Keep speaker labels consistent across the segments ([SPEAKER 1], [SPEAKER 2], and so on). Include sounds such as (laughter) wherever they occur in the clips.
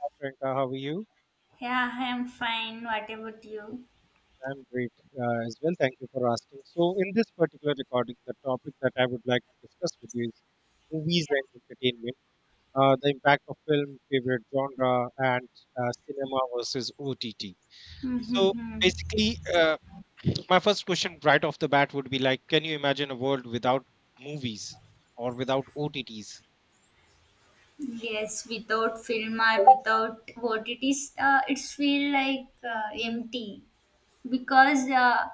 [SPEAKER 1] Hi, Priyanka, how are you?
[SPEAKER 2] Yeah, I'm fine. What about you?
[SPEAKER 1] I'm great as well. Thank you for asking. So, in this particular recording, the topic that I would like to discuss with you is movies and entertainment, the impact of film, favorite genre, and cinema versus OTT. So,
[SPEAKER 2] Mm-hmm.
[SPEAKER 1] basically, my first question right off the bat would be like, can you imagine a world without movies or without OTTs?
[SPEAKER 2] Yes, without film or without what it is, it's feel like empty because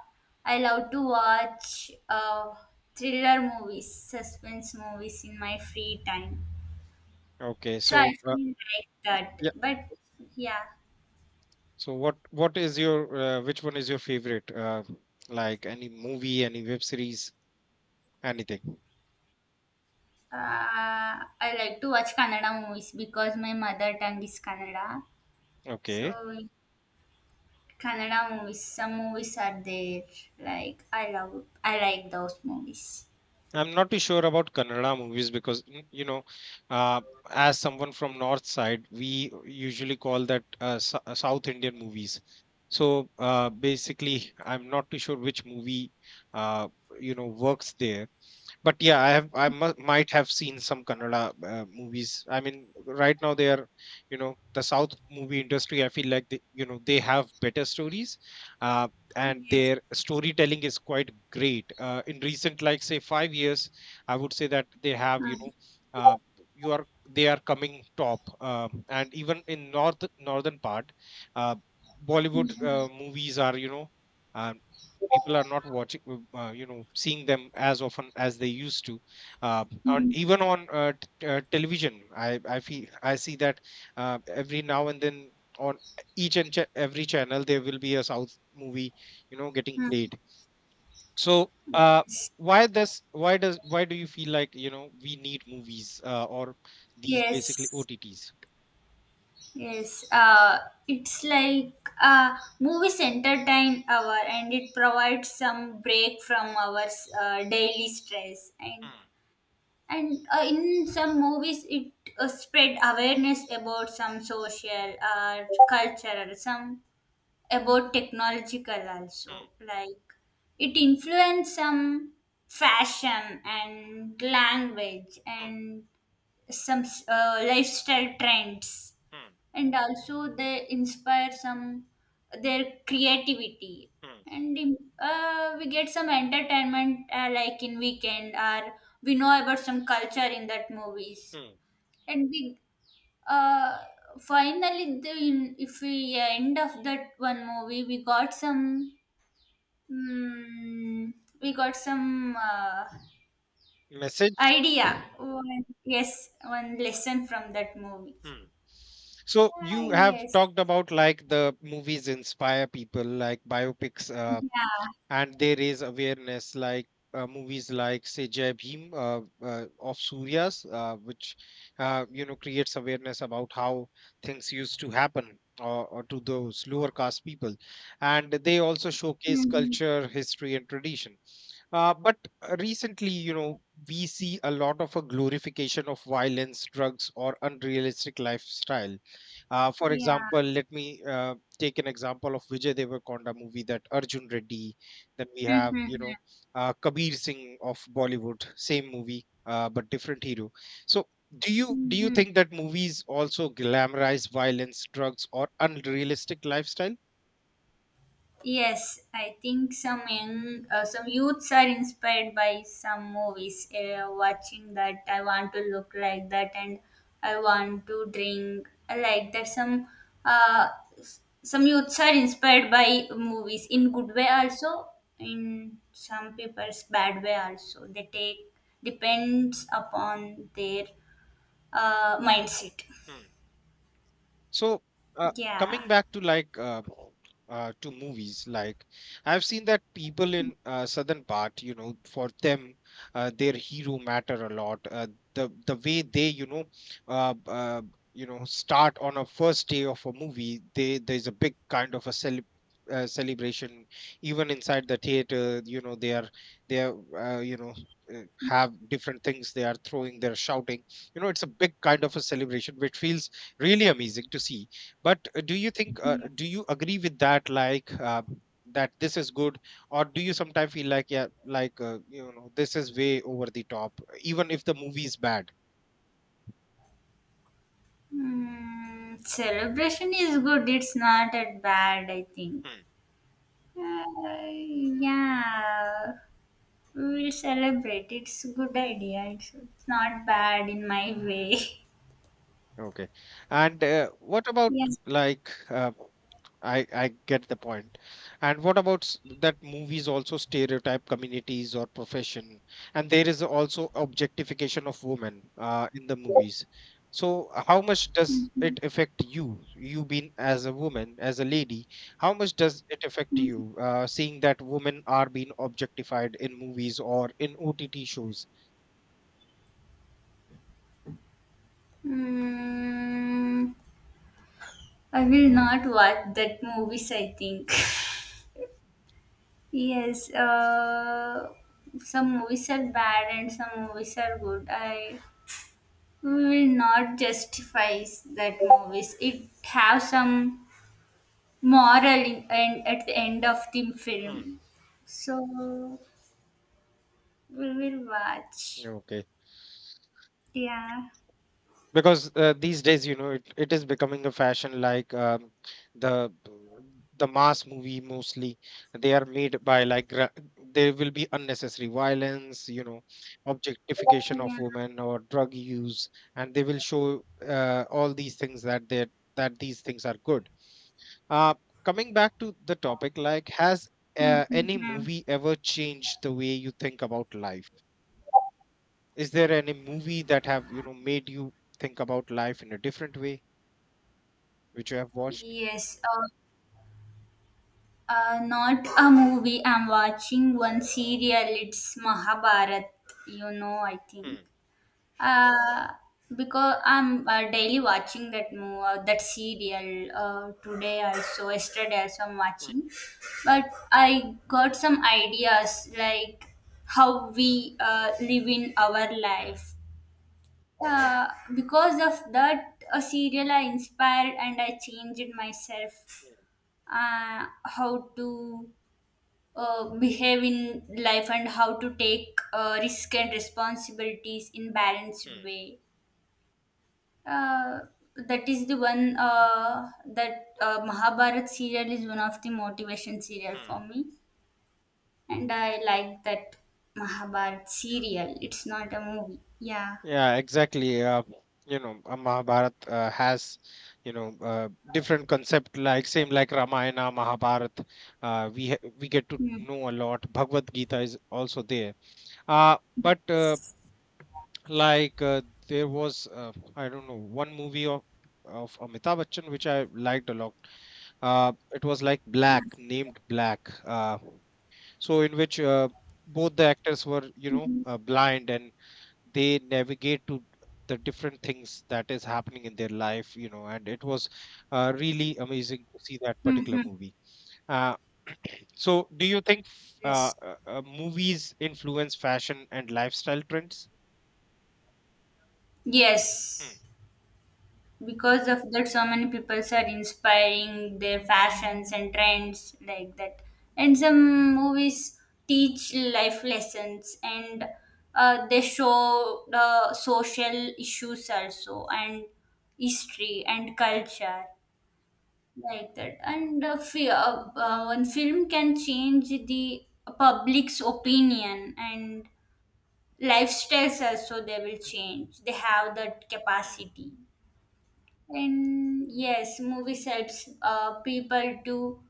[SPEAKER 2] I love to watch thriller movies, suspense movies in my free time.
[SPEAKER 1] Okay,
[SPEAKER 2] So I
[SPEAKER 1] so
[SPEAKER 2] feel like that.
[SPEAKER 1] yeah,
[SPEAKER 2] But yeah,
[SPEAKER 1] so what is your which one is your favorite? Like any movie, any web series? Anything.
[SPEAKER 2] I like to watch Kannada movies because my mother tongue is Kannada. So
[SPEAKER 1] Okay.
[SPEAKER 2] Kannada movies. Some movies are there. I like those movies.
[SPEAKER 1] I'm not too sure about Kannada movies because you know, uh, as someone from North side, we usually call that South Indian movies. So basically, I'm not too sure which movie uh, you know works there. But yeah, I might have seen some Kannada movies. I mean, right now they are, you know, the south movie industry, I feel like they, you know, they have better stories uh, and
[SPEAKER 2] Yes.
[SPEAKER 1] their storytelling is quite great in recent, like, say 5 years, I would say that they have, you know, uh, you are they are coming top. um, and even in north, northern part, uh, Bollywood
[SPEAKER 2] Mhm.
[SPEAKER 1] movies are, you know, uh, people are not watching, you know, seeing them as often as they used to, even
[SPEAKER 2] Mhm.
[SPEAKER 1] on television. I feel, I see that every now and then, on each and every channel there will be a south movie, you know, getting played. So uh, why this, why does, why do you feel like, you know, we need movies or these basically
[SPEAKER 2] Yes.
[SPEAKER 1] OTTs?
[SPEAKER 2] Yes. It's like movies entertain our and it provides some break from our daily stress and
[SPEAKER 1] Hmm,
[SPEAKER 2] and in some movies it spread awareness about some social or cultural some about technological
[SPEAKER 1] hmm,
[SPEAKER 2] also like it influence some fashion and language
[SPEAKER 1] hmm,
[SPEAKER 2] and some lifestyle trends
[SPEAKER 1] hmm,
[SPEAKER 2] and also they inspire some their creativity
[SPEAKER 1] hmm,
[SPEAKER 2] and we get some entertainment like in weekend or we know about some culture in that movies
[SPEAKER 1] hmm.
[SPEAKER 2] and we uh finally if we end of that one movie we got some mm, we got some
[SPEAKER 1] Message.
[SPEAKER 2] idea one, yes one lesson from that movie.
[SPEAKER 1] Hmm. So you have
[SPEAKER 2] Yes,
[SPEAKER 1] talked about like the movies inspire people, like biopics,
[SPEAKER 2] yeah.
[SPEAKER 1] and they raise awareness, like movies like, say, Jai Bhim, of Surya's, which you know, creates awareness about how things used to happen or to those lower caste people, and they also showcase
[SPEAKER 2] Mhm.
[SPEAKER 1] culture, history, and tradition. But recently, you know, we see a lot of a glorification of violence, drugs, or unrealistic lifestyle. For
[SPEAKER 2] Yeah.
[SPEAKER 1] example, let me take an example of Vijay Devarkonda movie, that Arjun Reddy. Then we have, you
[SPEAKER 2] Mm-hmm.
[SPEAKER 1] know, Kabir Singh of Bollywood, same movie but different hero. So, do you
[SPEAKER 2] Mm-hmm.
[SPEAKER 1] think that movies also glamorize violence, drugs, or unrealistic lifestyle?
[SPEAKER 2] Yes, I think some young, some youths are inspired by some movies. Watching that, I want to look like that, and I want to drink like that. Some, uh, some youths are inspired by movies in good way also, in some people's bad way also. They take depends upon their mindset.
[SPEAKER 1] Hmm. So, uh, coming
[SPEAKER 2] Yeah.
[SPEAKER 1] back to like to movies, like I've seen that people in southern part, you know, for them, their hero matter a lot. The way they, uh, uh, you know, start on a first day of a movie, they, there's a big kind of a celebration, even inside the theater. You know, they are, they are, you know, have different things they are throwing, they're shouting. You know, it's a big kind of a celebration which feels really amazing to see. But do you think, do you agree with that, like that this is good, or do you sometimes feel like, yeah, like you know, this is way over the top, even if the movie is bad?
[SPEAKER 2] Mm, celebration is good. It's not that bad, I think. Uh, yeah, we will celebrate. It's a good idea. It's not bad in my way. (laughs)
[SPEAKER 1] Okay. And what about
[SPEAKER 2] Yes.
[SPEAKER 1] like I get the point. And what about that movies also stereotype communities or profession, and there is also objectification of women in the movies. So how much does
[SPEAKER 2] Mhm.
[SPEAKER 1] it affect you? You being as a woman, as a lady, how much does it affect
[SPEAKER 2] Mhm.
[SPEAKER 1] you seeing that women are being objectified in movies or in OTT shows?
[SPEAKER 2] Mm, I will not watch that movies, I think.
[SPEAKER 1] Hmm.
[SPEAKER 2] (laughs) Yes, some movies are bad and some movies are good. I We will not justify that movies. It have some moral in, and at the end of the
[SPEAKER 1] Hmm.
[SPEAKER 2] film. So we will watch.
[SPEAKER 1] Okay.
[SPEAKER 2] Yeah,
[SPEAKER 1] Because these days, you know, it is becoming a fashion, like, the the mass movie, mostly they are made by like there will be unnecessary violence, you know, objectification of
[SPEAKER 2] yeah.
[SPEAKER 1] women or drug use, and they will show all these things, that they, that these things are good. uh, Coming back to the topic, like, has any
[SPEAKER 2] Mhm.
[SPEAKER 1] movie ever changed the way you think about life? Is there any movie that have, you know, made you think about life in a different way, which you have watched?
[SPEAKER 2] Yes. Not a movie. I'm watching one serial. It's Mahabharat. You know, I think.
[SPEAKER 1] Hmm.
[SPEAKER 2] Uh, because I'm daily watching that movie, that serial. Today also, yesterday also I'm
[SPEAKER 1] Hmm.
[SPEAKER 2] watching. But I got some ideas like how we live in our
[SPEAKER 1] Hmm.
[SPEAKER 2] life. Uh, because of that serial, I inspired and I changed myself.
[SPEAKER 1] Hmm.
[SPEAKER 2] How to behave in life and how to take risk and responsibilities in balanced
[SPEAKER 1] Hmm.
[SPEAKER 2] way. uh, that is the one that Mahabharat serial is one of the motivation serial
[SPEAKER 1] Hmm.
[SPEAKER 2] for me, and I like that Mahabharat
[SPEAKER 1] Hmm.
[SPEAKER 2] serial. It's not a movie. Yeah.
[SPEAKER 1] Yeah, exactly. You know, Mahabharat has, you know, different concept, like same like Ramayana, Mahabharat. We get to
[SPEAKER 2] Mm.
[SPEAKER 1] know a lot. Bhagavad Gita is also there. But like there was, I don't know, one movie of Amitabh Bachchan which I liked a lot. It was like Black, named Black. So in which both the actors were, you know,
[SPEAKER 2] Mhm.
[SPEAKER 1] blind, and they navigate to the different things that is happening in their life, you know, and it was really amazing to see that particular
[SPEAKER 2] Mhm.
[SPEAKER 1] movie. uh, (clears throat) so do you think
[SPEAKER 2] Yes.
[SPEAKER 1] movies influence fashion and lifestyle trends? Hmm,
[SPEAKER 2] Yes, because of that so many people are inspiring their fashions and trends like that, and some movies teach life lessons and they show the social issues also and history and
[SPEAKER 1] hmm,
[SPEAKER 2] culture like that. And one film can change the public's
[SPEAKER 1] hmm,
[SPEAKER 2] opinion and lifestyles also, they will change, they have that
[SPEAKER 1] hmm,
[SPEAKER 2] capacity. And yes, movies helps people to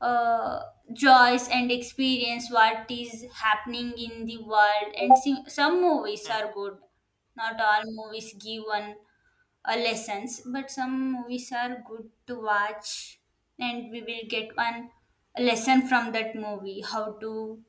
[SPEAKER 2] uh, joys and experience what is happening in the world. And see, some movies
[SPEAKER 1] hmm,
[SPEAKER 2] are good. Not all movies give one lessons, but some movies are good to watch, and we will get one lesson from that movie: how to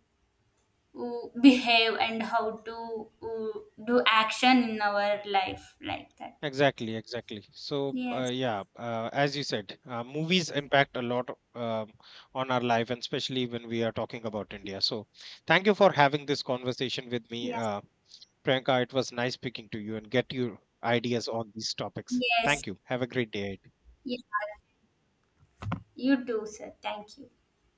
[SPEAKER 2] behave and how to do action in our
[SPEAKER 1] hmm.
[SPEAKER 2] life, like that.
[SPEAKER 1] Exactly, exactly. So,
[SPEAKER 2] Yes.
[SPEAKER 1] yeah, as you said, movies impact a lot on our life, and especially when we are talking about India. So, thank you for having this conversation with me,
[SPEAKER 2] Yes.
[SPEAKER 1] Priyanka. It was nice speaking to you and get your ideas on these topics.
[SPEAKER 2] Yes.
[SPEAKER 1] Thank you. Have a great day.
[SPEAKER 2] Yeah, you too, sir. Thank you.